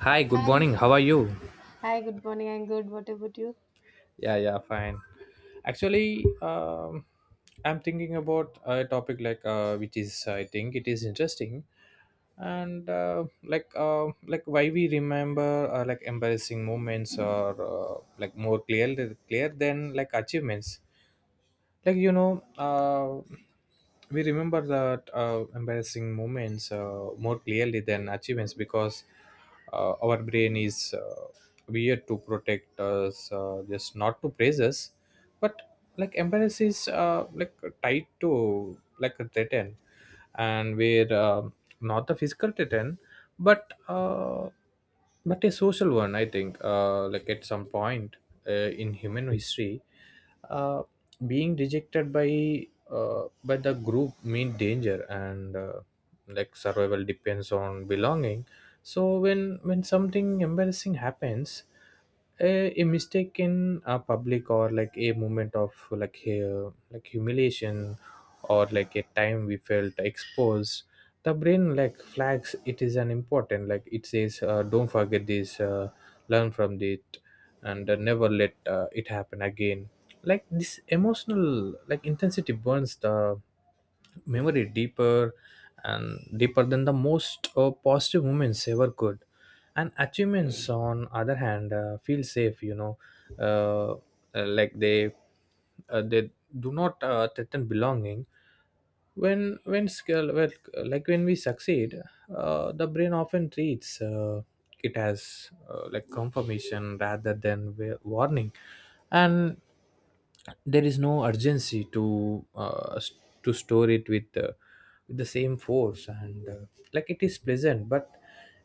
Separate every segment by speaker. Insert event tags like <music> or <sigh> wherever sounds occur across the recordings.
Speaker 1: Hi, good
Speaker 2: Hi.
Speaker 1: morning. How are you?
Speaker 2: Hi, good morning. I'm good. What about you?
Speaker 1: Yeah, yeah, fine. Actually, um, I'm thinking about a topic which is I think it is interesting and like why we remember like embarrassing moments or like more clear than like achievements like you know uh, we remember that embarrassing moments more clearly than achievements because our brain is weird to protect us, just not to praise us. But like embarrass is like tied to like a threaten, and where not the physical threaten, but uh, but a social one, I think. Like at some point in human history, uh, being rejected by the group mean danger, and like survival depends on belonging. So when something embarrassing happens, a mistake in a public or like a moment of like humiliation or like a time we felt exposed, the brain like flags it is an important, like it says, don't forget this, learn from it, and never let it happen again. Like this emotional like intensity burns the memory deeper and deeper than the most positive moments ever could. And achievements on other hand feel safe you know uh, like they do not threaten belonging. When skill well, like when we succeed, the brain often treats it as like confirmation rather than warning, and there is no urgency to to store it with the same force. And like it is pleasant, but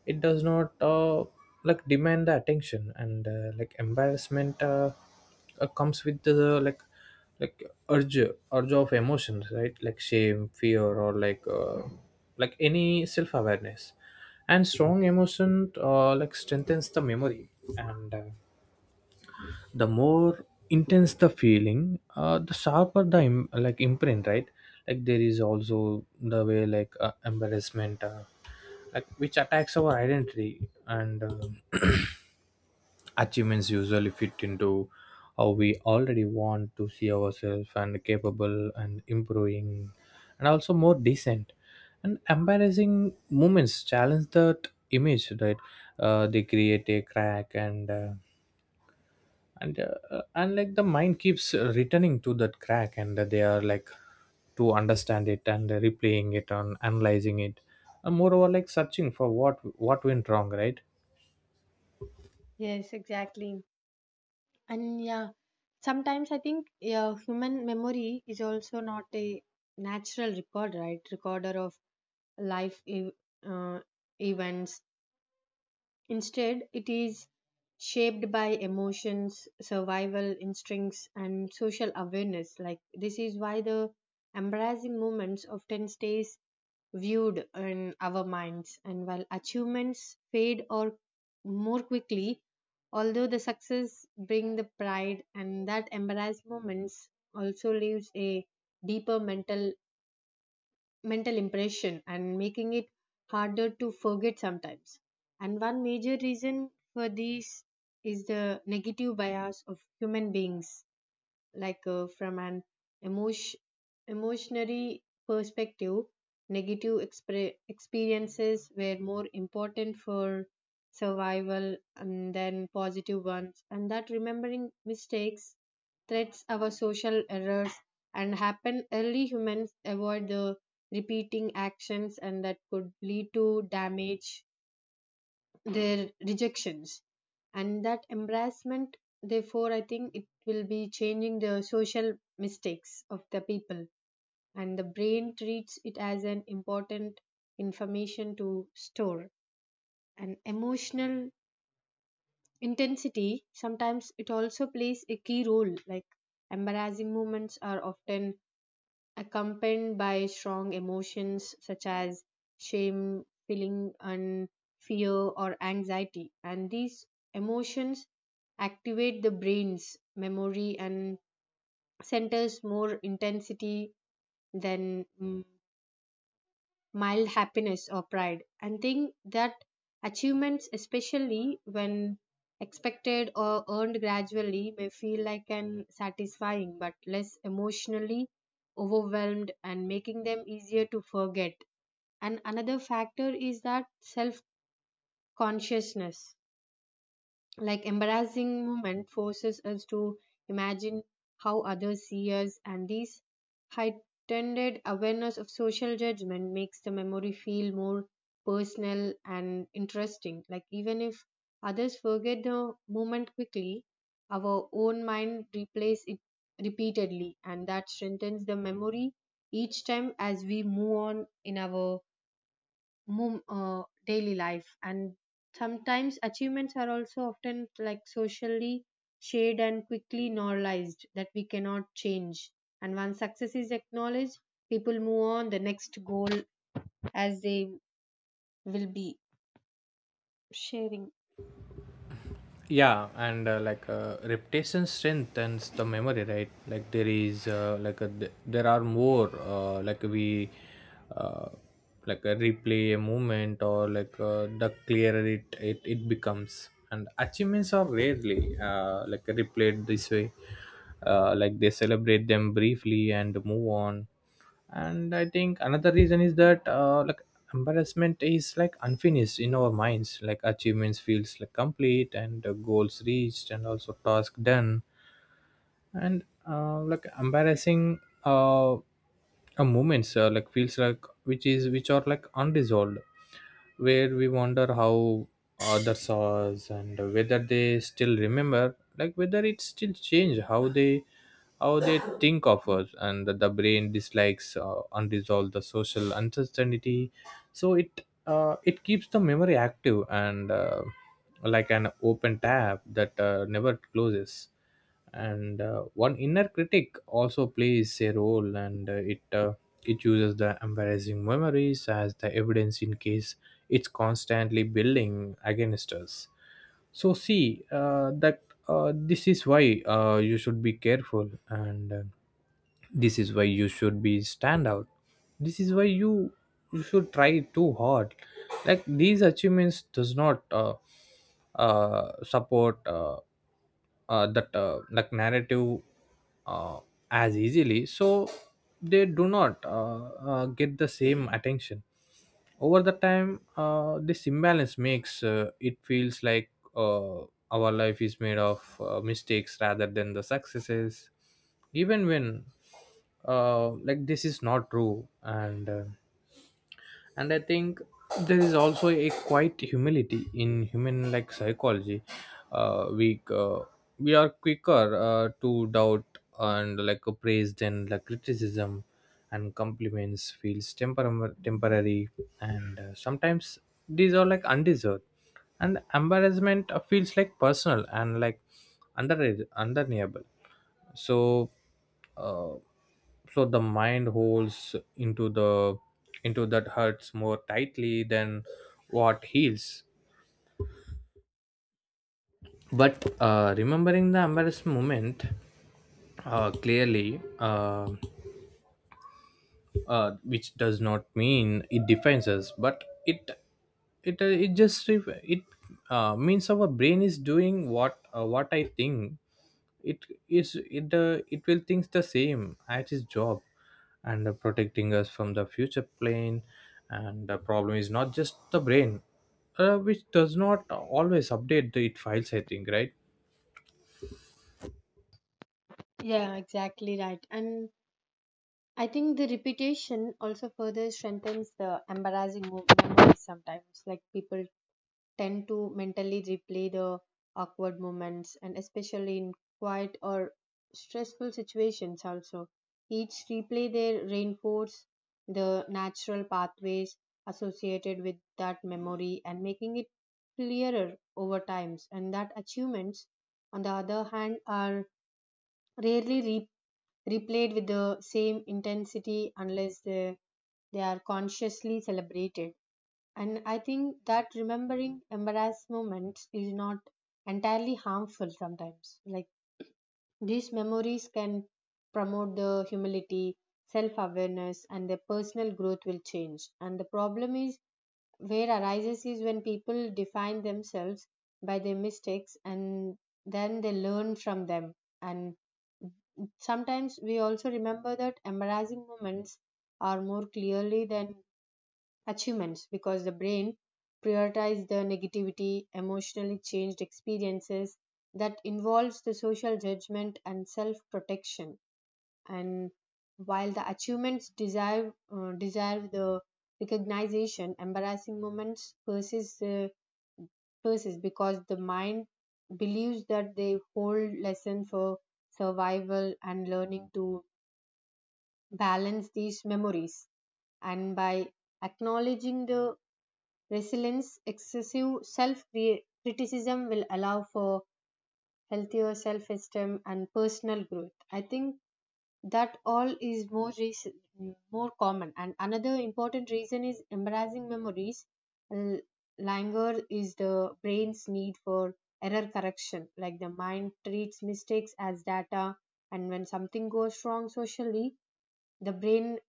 Speaker 1: it does not like demand the attention. And embarrassment comes with the like urge urge of emotions, right? Like shame, fear, or like any self-awareness. And strong emotion like strengthens the memory, and the more intense the feeling, the sharper the like imprint, right? Like there is also the way like embarrassment like which attacks our identity. And <clears throat> achievements usually fit into how we already want to see ourselves, and capable and improving and also more decent. And embarrassing moments challenge that image, right? They create a crack, and and like the mind keeps returning to that crack, and they are like to understand it and replaying it and analyzing it and moreover like searching for what went wrong, right?
Speaker 2: Yes, exactly. And yeah, sometimes I think yeah, human memory is also not a natural record, right? Recorder of life ev- uh, events. Instead, it is shaped by emotions, survival instincts, and social awareness. Like this is why the embarrassing moments often stays viewed in our minds, and while achievements fade or more quickly, although the success bring the pride and that embarrassed moments also leaves a deeper mental impression and making it harder to forget sometimes. And one major reason for this is the negative bias of human beings, from an emotion emotionary perspective, negative experiences were more important for survival and then positive ones, and that remembering mistakes threats our social errors and happen early humans avoid the repeating actions, and that could lead to damage their rejections. And that embarrassment, therefore, I think it will be changing the social mistakes of the people, and the brain treats it as an important information to store. And emotional intensity sometimes it also plays a key role, like embarrassing moments are often accompanied by strong emotions such as shame, feeling, and fear or anxiety. And these emotions activate the brain's memory and centers more intensity than mild happiness or pride, and think that achievements, especially when expected or earned gradually, may feel like an satisfying but less emotionally overwhelmed and making them easier to forget. And another factor is that self consciousness, like embarrassing moment forces us to imagine how others see us, and this heightened awareness of social judgment makes the memory feel more personal and interesting, like even if others forget the moment quickly, our own mind replays it repeatedly, and that strengthens the memory each time as we move on in our daily life. And sometimes achievements are also often like socially shared and quickly normalized that we cannot change, and once success is acknowledged, people move on the next goal as they will be sharing.
Speaker 1: Yeah. And repetition strengthens the memory, right? Like there are more, like we uh, like a replay a movement, or the clearer it becomes. And achievements are rarely like replayed this way. Like they celebrate them briefly and move on. And I think another reason is that like embarrassment is like unfinished in our minds. Like achievements feels like complete, and goals reached and also task done, and like embarrassing uh, uh moments like feels like which are like unresolved, where we wonder how others saw us and whether they still remember, like whether it still change how they think of us. And the brain dislikes unresolved the social uncertainty, so it keeps the memory active, and like an open tab that never closes. And one inner critic also plays a role, and it uses the embarrassing memories as the evidence in case it's constantly building against us. So see that this is why you should be careful, and this is why you should be stand out, this is why you should try too hard. Like these achievements does not support that like narrative uh, as easily, so they do not get the same attention. Over the time this imbalance makes it feels like uh, our life is made of mistakes rather than the successes, even when like this is not true. And I think there is also a quiet humility in human like psychology. uh, we uh, we are quicker to doubt and like a praise than like criticism, and compliments feels temporary, and sometimes these are like undeserved. And embarrassment feels like personal and like under undeniable. So uh, so the mind holds into the into that hurts more tightly than what heals. But remembering the embarrassment moment clearly which does not mean it defines us, but it it just ref- it means our brain is doing what I think it is, it the it will thinks the same at his job, and protecting us from the future plane. And the problem is not just the brain, which does not always update the, it files, I think, right?
Speaker 2: Yeah, exactly, right. And I think the repetition also further strengthens the embarrassing memories sometimes, like people tend to mentally replay the awkward moments and especially in quiet or stressful situations also. Each replay they reinforce the natural pathways associated with that memory and making it clearer over times, and that achievements on the other hand are rarely replayed with the same intensity unless they are consciously celebrated. And I think that remembering embarrassed moments is not entirely harmful sometimes. Like these memories can promote the humility, self awareness, and their personal growth will change. And the problem is where arises is when people define themselves by their mistakes and then they learn from them. And sometimes we also remember that embarrassing moments are more clearly than achievements because the brain prioritizes the negativity, emotionally changed experiences that involves the social judgment and self-protection. And while the achievements deserve the recognition, embarrassing moments persist persist because the mind believes that they hold lesson for survival and learning to balance these memories. And by acknowledging the resilience, excessive self criticism will allow for healthier self esteem and personal growth. I think that all is more reason, more common. And another important reason is embarrassing memories. L- Languor is the brain's need for error correction. Like the mind treats mistakes as data, and when something goes wrong socially, the brain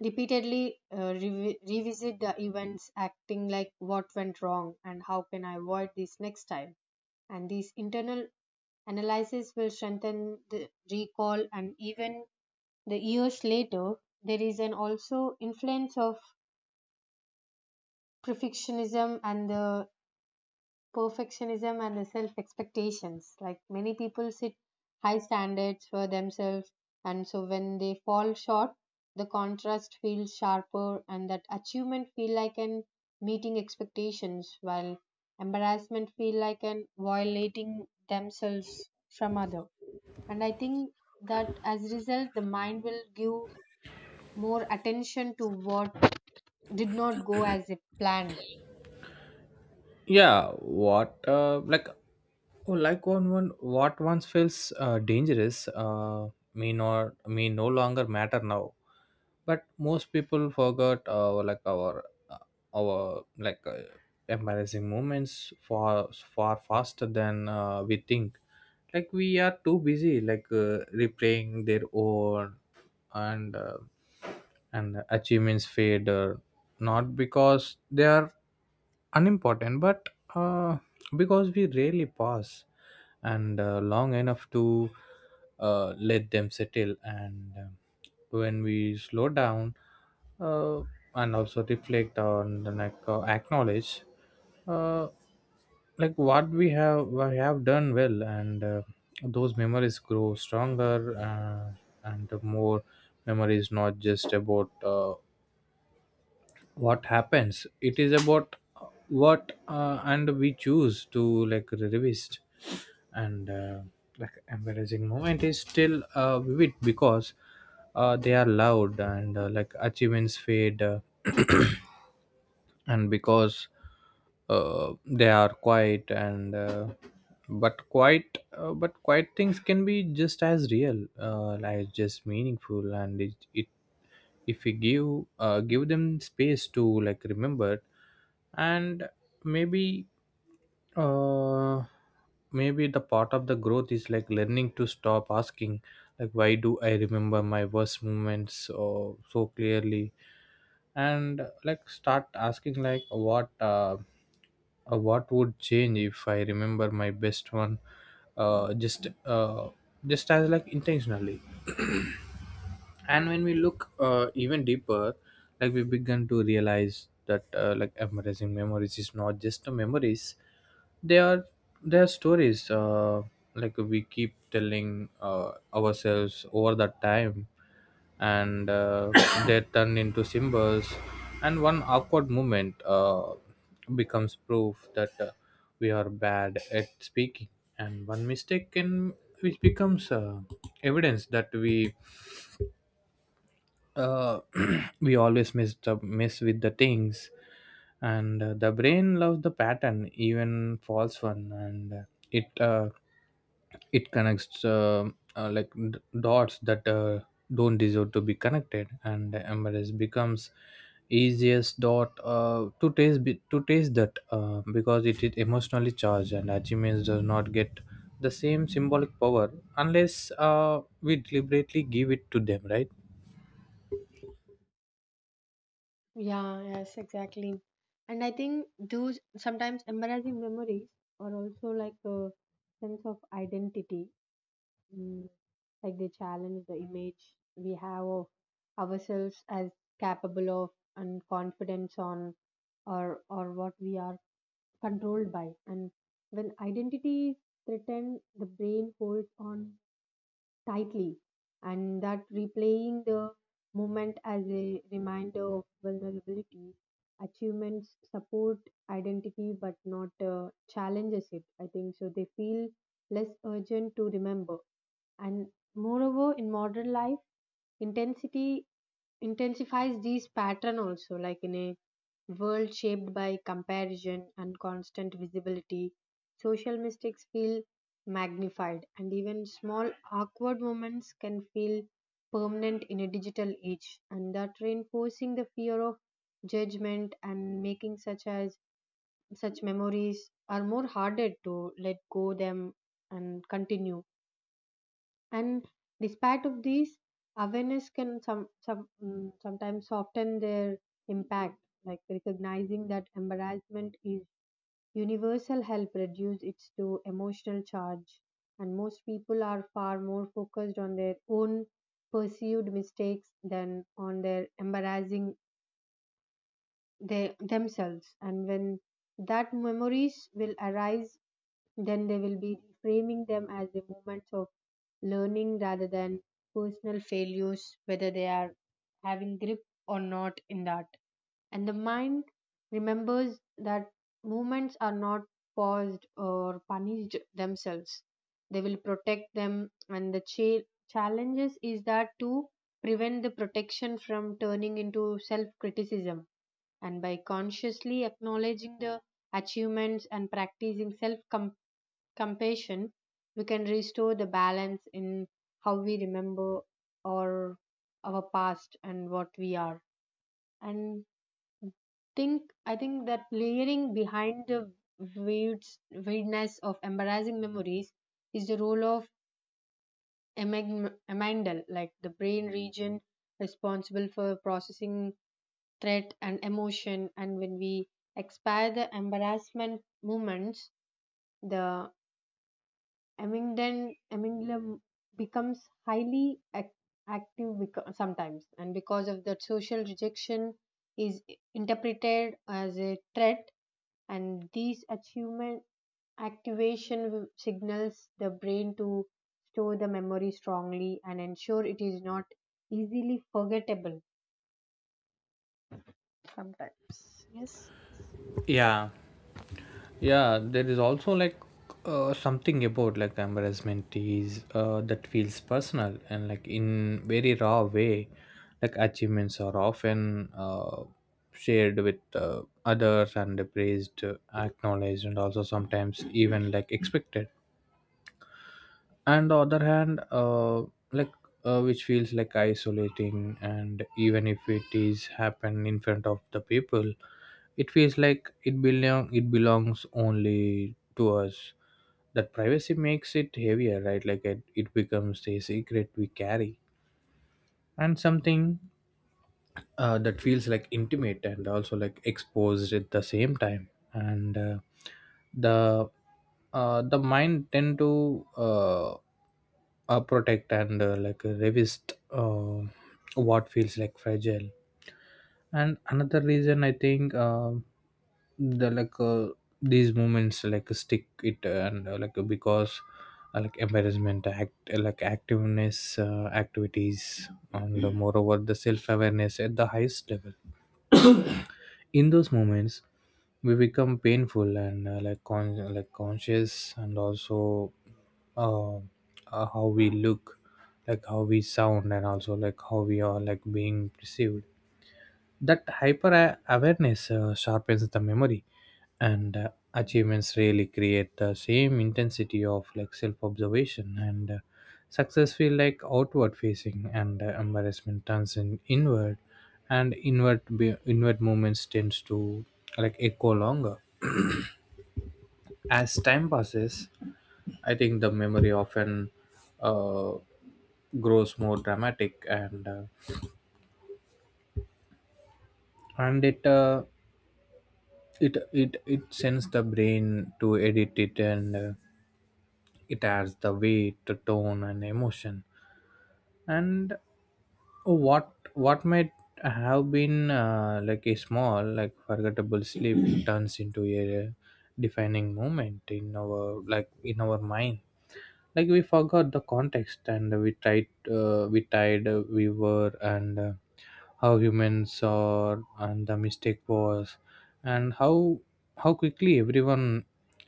Speaker 2: revisit the events acting like what went wrong and how can I avoid this next time. And these internal analysis will strengthen the recall and even the years later. There is an also influence of perfectionism and the perfectionism and self expectations. Like many people set high standards for themselves, and so when they fall short, the contrast feels sharper, and that achievement feel like an meeting expectations, while embarrassment feel like an violating themselves from other. And I think that as a result, the mind will give more attention to what did not go as it planned.
Speaker 1: Yeah what uh, like oh, like one one what once feels dangerous may not may no longer matter now, but most people forgot our like our uh, our like uh, embarrassing moments far faster than we think. Like we are too busy like replaying their own. And uh, and achievements fade, not because they are unimportant, but uh, because we rarely pause and long enough to let them settle. And when we slow down uh, and also reflect on the like acknowledge uh, like what we have done well, and those memories grow stronger, and the more memories not just about what happens, it is about what, and we choose to like revisit. And like embarrassing moment is still vivid because they are loud, and like achievements fade, <clears throat> and because they are quiet, and but quiet things can be just as real, like just meaningful. And it if we give them space to like remember. And maybe uh maybe the part of the growth is like learning to stop asking like, why do I remember my worst moments or so clearly? And like start asking, like what would change if I remember my best one uh, just uh, just as like intentionally. And when we look even deeper, like we begin to realize that like embracing memories is not just the memories, they are they are stories like we keep telling ourselves over that time. And <coughs> they turn into symbols, and one awkward moment becomes proof that we are bad at speaking. And one mistake can which becomes evidence that we uh, <clears throat> we always mess with the things. And the brain loves the pattern, even false one, and it uh, it connects dots that don't deserve to be connected. And the mrs becomes easiest dot to taste that because it is emotionally charged. And achievements does not get the same symbolic power unless we deliberately give it to them, right?
Speaker 2: Yeah, yes, exactly. And I think those sometimes embarrassing memories are also like a sense of identity. Mm, like they challenge the image we have of ourselves as capable of and confidence on or what we are controlled by. And when identity is threatened, the brain holds on tightly, and that replaying the moment as a reminder of vulnerability, achievements support identity but not challenges it. I think so. They feel less urgent to remember, and moreover, in modern life. Intensity intensifies these pattern also, like in a world shaped by comparison and constant visibility, social mistakes feel magnified, and even small awkward moments can feel permanent in a digital age, and that reinforcing the fear of judgment and making such as such memories are more harder to let go them and continue. And despite of these, awareness can sometimes soften their impact. Like recognizing that embarrassment is universal help reduce its to emotional charge. And most people are far more focused on their own perceived mistakes than on their embarrassing they themselves, and when that memories will arise, then they will be framing them as the moments of learning rather than personal failures, whether they are having grip or not in that. And the mind remembers that moments are not paused or punished themselves, they will protect them, and the challenges is that to prevent the protection from turning into self criticism. And by consciously acknowledging the achievements and practicing self compassion, we can restore the balance in how we remember or our past and what we are. And think I think that layering behind the weirds weirdness of embarrassing memories is the role of amygdala, like the brain region responsible for processing threat and emotion. And when we expire the embarrassment moments, the amygdalin amygdala becomes highly ac- active sometimes, and because of that social rejection is interpreted as a threat, and these achievement activation signals the brain to store the memory strongly and ensure it is not easily forgettable sometimes.
Speaker 1: Yeah. Yeah, there is also like something about like embarrassment is that feels personal and like in very raw way. Like achievements are often shared with others and praised, acknowledged and also sometimes even like expected. And the other hand, like which feels like isolating, and even if it is happen in front of the people, it feels like it belongs only to us. That privacy makes it heavier, right? Like it becomes a secret we carry, and something that feels like intimate and also like exposed at the same time. And uh, the uh, the mind tend to protect and revist what feels like fragile. And another reason I think the like uh, these moments like stick it, and like because like embarrassment act like activeness activities, and moreover the self-awareness at the highest level. In those moments we become painful and like like conscious and also uh, uh, how we look, like how we sound, and also like how we are like being perceived. That hyper awareness sharpens the memory, and achievements really create the same intensity of like self observation. And success feel like outward facing, and embarrassment turns in inward, and inward movements tends to like echo longer. As time passes, I think the memory often uh, grows more dramatic, and it sends the brain to edit it, and it adds the weight, the tone, and emotion. And what might have been like a small, like forgettable sleep turns into a defining moment in our mind. Like we forgot the context and we tried we tied we were and how humans are and the mistake was and how quickly everyone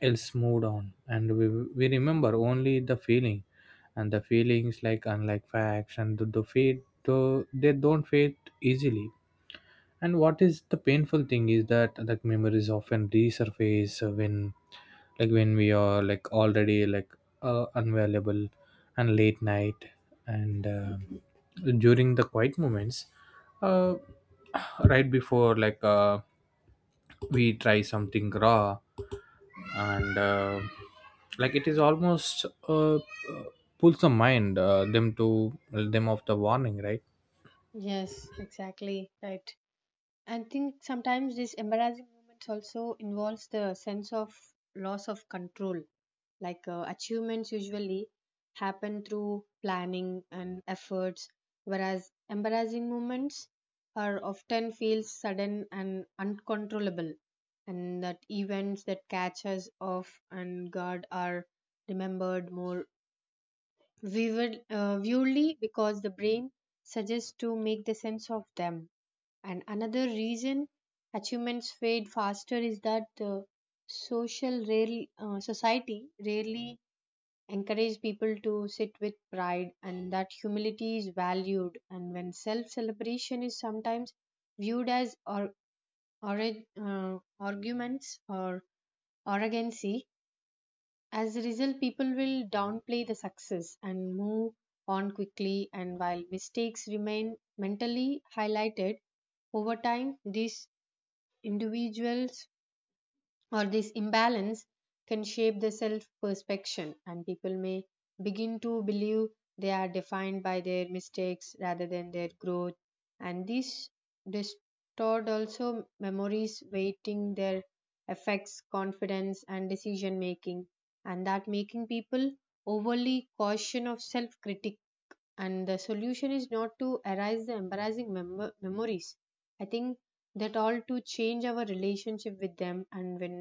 Speaker 1: else moved on, and we remember only the feeling. And the feelings, like unlike facts, and the they don't fade easily. And what is the painful thing is that like memories often resurface when like when we are like already like unavailable, and late night, and during the quiet moments, uh, right before like we try something raw, and like it is almost pulls the mind them to them of the warning, right?
Speaker 2: Yes, exactly, right. I think sometimes these embarrassing moments also involves the sense of loss of control, achievements usually happen through planning and efforts, whereas embarrassing moments are often feel sudden and uncontrollable, and that events that catch us off and guard are remembered more vividly because the brain suggests to make the sense of them. And another reason achievements fade faster is that the society rarely encourage people to sit with pride, and that humility is valued, and when self celebration is sometimes viewed as or arguments or arrogancy. As a result, people will downplay the success and move on quickly, and while mistakes remain mentally highlighted over time, these individuals or this imbalance can shape the self perception, and people may begin to believe they are defined by their mistakes rather than their growth. And this distort also memories weighting their affects confidence and decision making, and that making people overly cautious of self critic. And the solution is not to erase the embarrassing memories, I think, that all to change our relationship with them, and when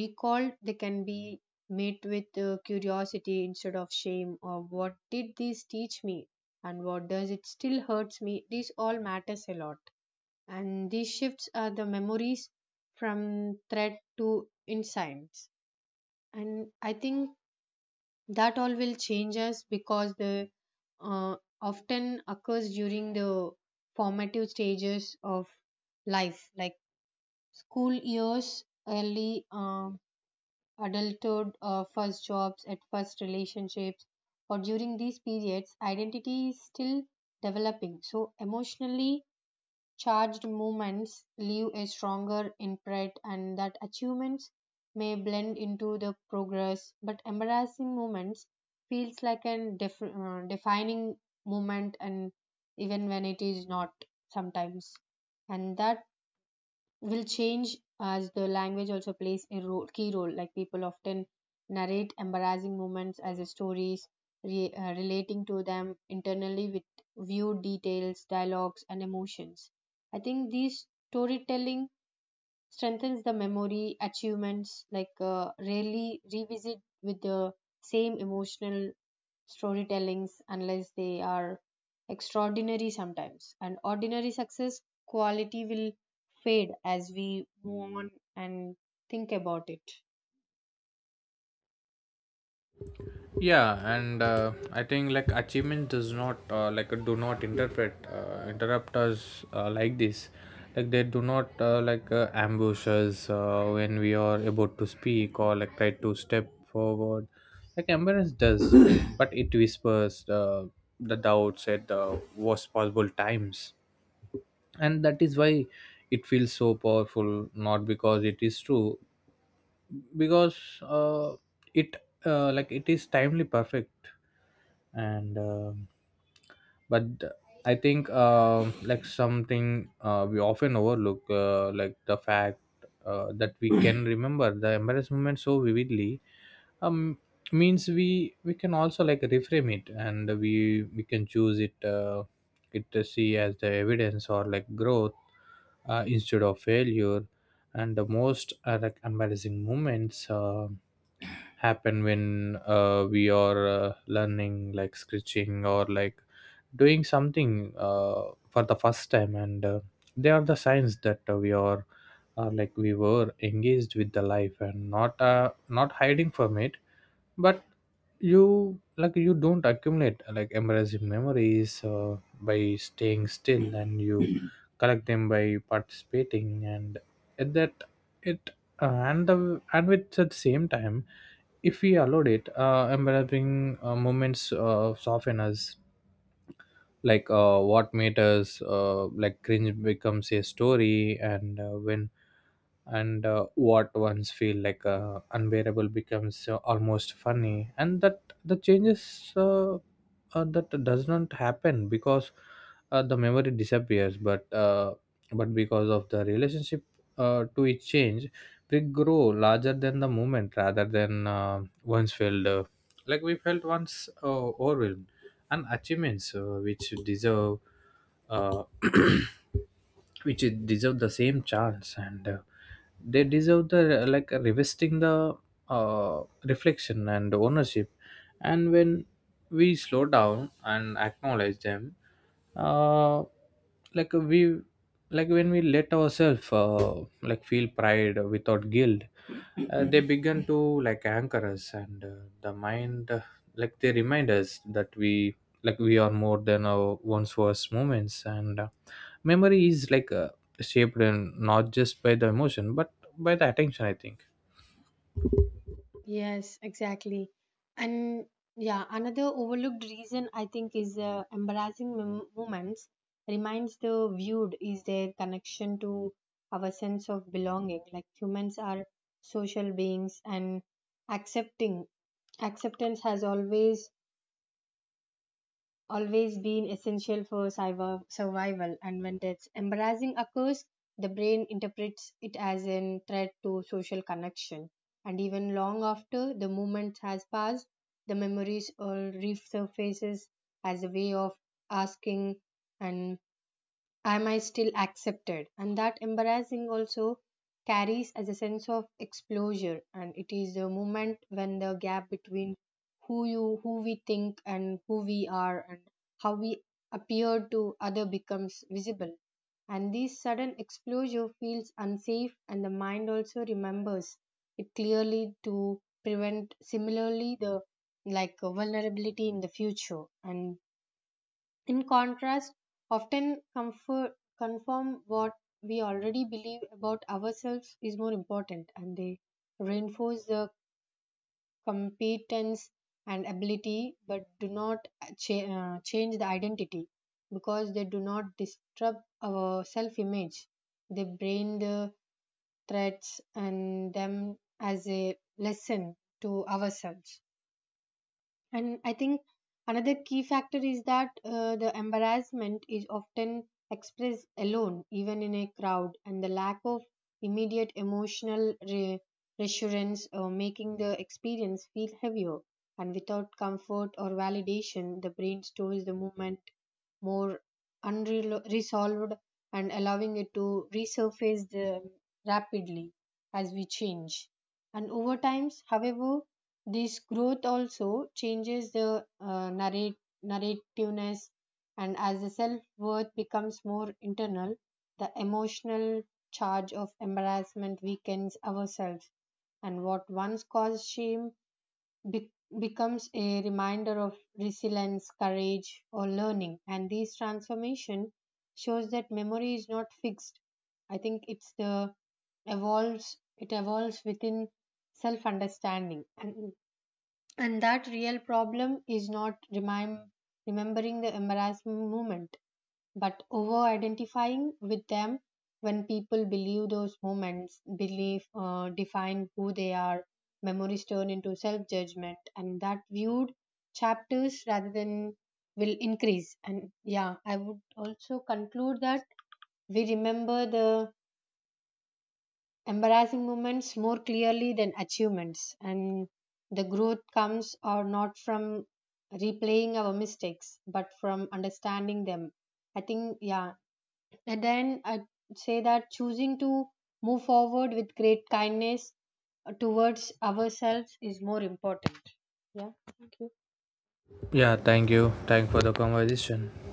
Speaker 2: recalled they can be met with curiosity instead of shame, or what did this teach me, and what does it still hurts me, this all matters a lot. And these shifts are the memories from threat to insights. And I think that all will change us because the uh, often occurs during the formative stages of life, like school years, early adulthood, first jobs, at first relationships, or during these periods, identity is still developing. So, emotionally charged moments leave a stronger imprint, and that achievements may blend into the progress, but embarrassing moments feels like a defining moment, and even when it is not sometimes, and that will change as the language also plays a role, key role. Like people often narrate embarrassing moments as a stories, relating to them internally with viewed details, dialogues, and emotions. I think these storytelling strengthens the memory, achievements rarely revisit with the same emotional storytellings unless they are extraordinary sometimes, and ordinary success quality will fade as we move on, and think about it.
Speaker 1: Yeah, and I think like achievement does not like do not interpret interrupt us like this, like they do not ambush us when we are about to speak or like try to step forward, like embarrass does, <coughs> but it whispers the doubts at the worst possible times. And that is why it feels so powerful, not because it is true, because it like it is timely perfect. And um but I think like something we often overlook, like the fact that we can <coughs> remember the embarrassment so vividly um means we can also like reframe it, and we can choose it to see as the evidence or like growth instead of failure. And the most like embarrassing moments happen when we are learning, like scratching, or like doing something for the first time, and they are the signs that we are like we were engaged with the life and not not hiding from it. But you, like you don't accumulate like immersive memories by staying still, and you <clears throat> collect them by participating. And at that it and the and with at the same time, if we allowed it, embarrassing moments soften us. Like what made us like cringe becomes a story, and what once feel like unbearable becomes almost funny. And that the changes, that does not happen because the memory disappears, but because of the relationship to it change. We grow larger than the moment rather than, once felt like we felt once overwhelmed. And achievements which deserve uh, <clears throat> which deserve the same chance, and they deserve the like revisiting, the reflection and ownership. And when we slow down and acknowledge them, uh, like we, like when we let ourselves like feel pride without guilt, they began to like anchor us. And uh, the mind uh, like they remind us that we, like we are more than our one's worst moments. And memory is like shaped in not just by the emotion but by the attention, I think.
Speaker 2: Yes, exactly. And yeah, another overlooked reason I think is embarrassing moments reminds the viewed is their connection to our sense of belonging. Like humans are social beings, and accepting acceptance has always been essential for cyber survival, and when that's embarrassing occurs, the brain interprets it as a threat to social connection. And even long after the moment has passed, the memories all resurfaces as a way of asking and am I still accepted? And that embarrassing also carries as a sense of exposure, and it is the moment when the gap between who you who we think and who we are and how we appear to other becomes visible. And this sudden exposure feels unsafe, and the mind also remembers it clearly to prevent similarly the like vulnerability in the future. And in contrast, often comfort, confirm what we already believe about ourselves is more important, and they reinforce the competence and ability but do not cha- change the identity because they do not disturb our self image. They brain the threats and them as a lesson to ourselves. And I think another key factor is that the embarrassment is often expressed alone, even in a crowd, and the lack of immediate emotional reassurance making the experience feel heavier. And without comfort or validation, the brain stores the moment more unresolved and allowing it to resurface rapidly as we change. And over times, however, this growth also changes the narrativeness, and as the self worth becomes more internal, the emotional charge of embarrassment weakens ourselves, and what once caused shame be- becomes a reminder of resilience, courage, or learning. And this transformation shows that memory is not fixed. I think it's the evolves. It evolves within self understanding, and that real problem is not remembering the embarrassment moment, but over identifying with them, when people believe, define who they are, memories turn into self judgment, and that viewed chapters rather than will increase. And yeah, I would also conclude that we remember the embarrassing moments more clearly than achievements, and the growth comes or not from replaying our mistakes but from understanding them. I think, yeah, and then I'd say that choosing to move forward with great kindness towards ourselves is more important. Yeah, thank you.
Speaker 1: Yeah, thank you, thank for the conversation.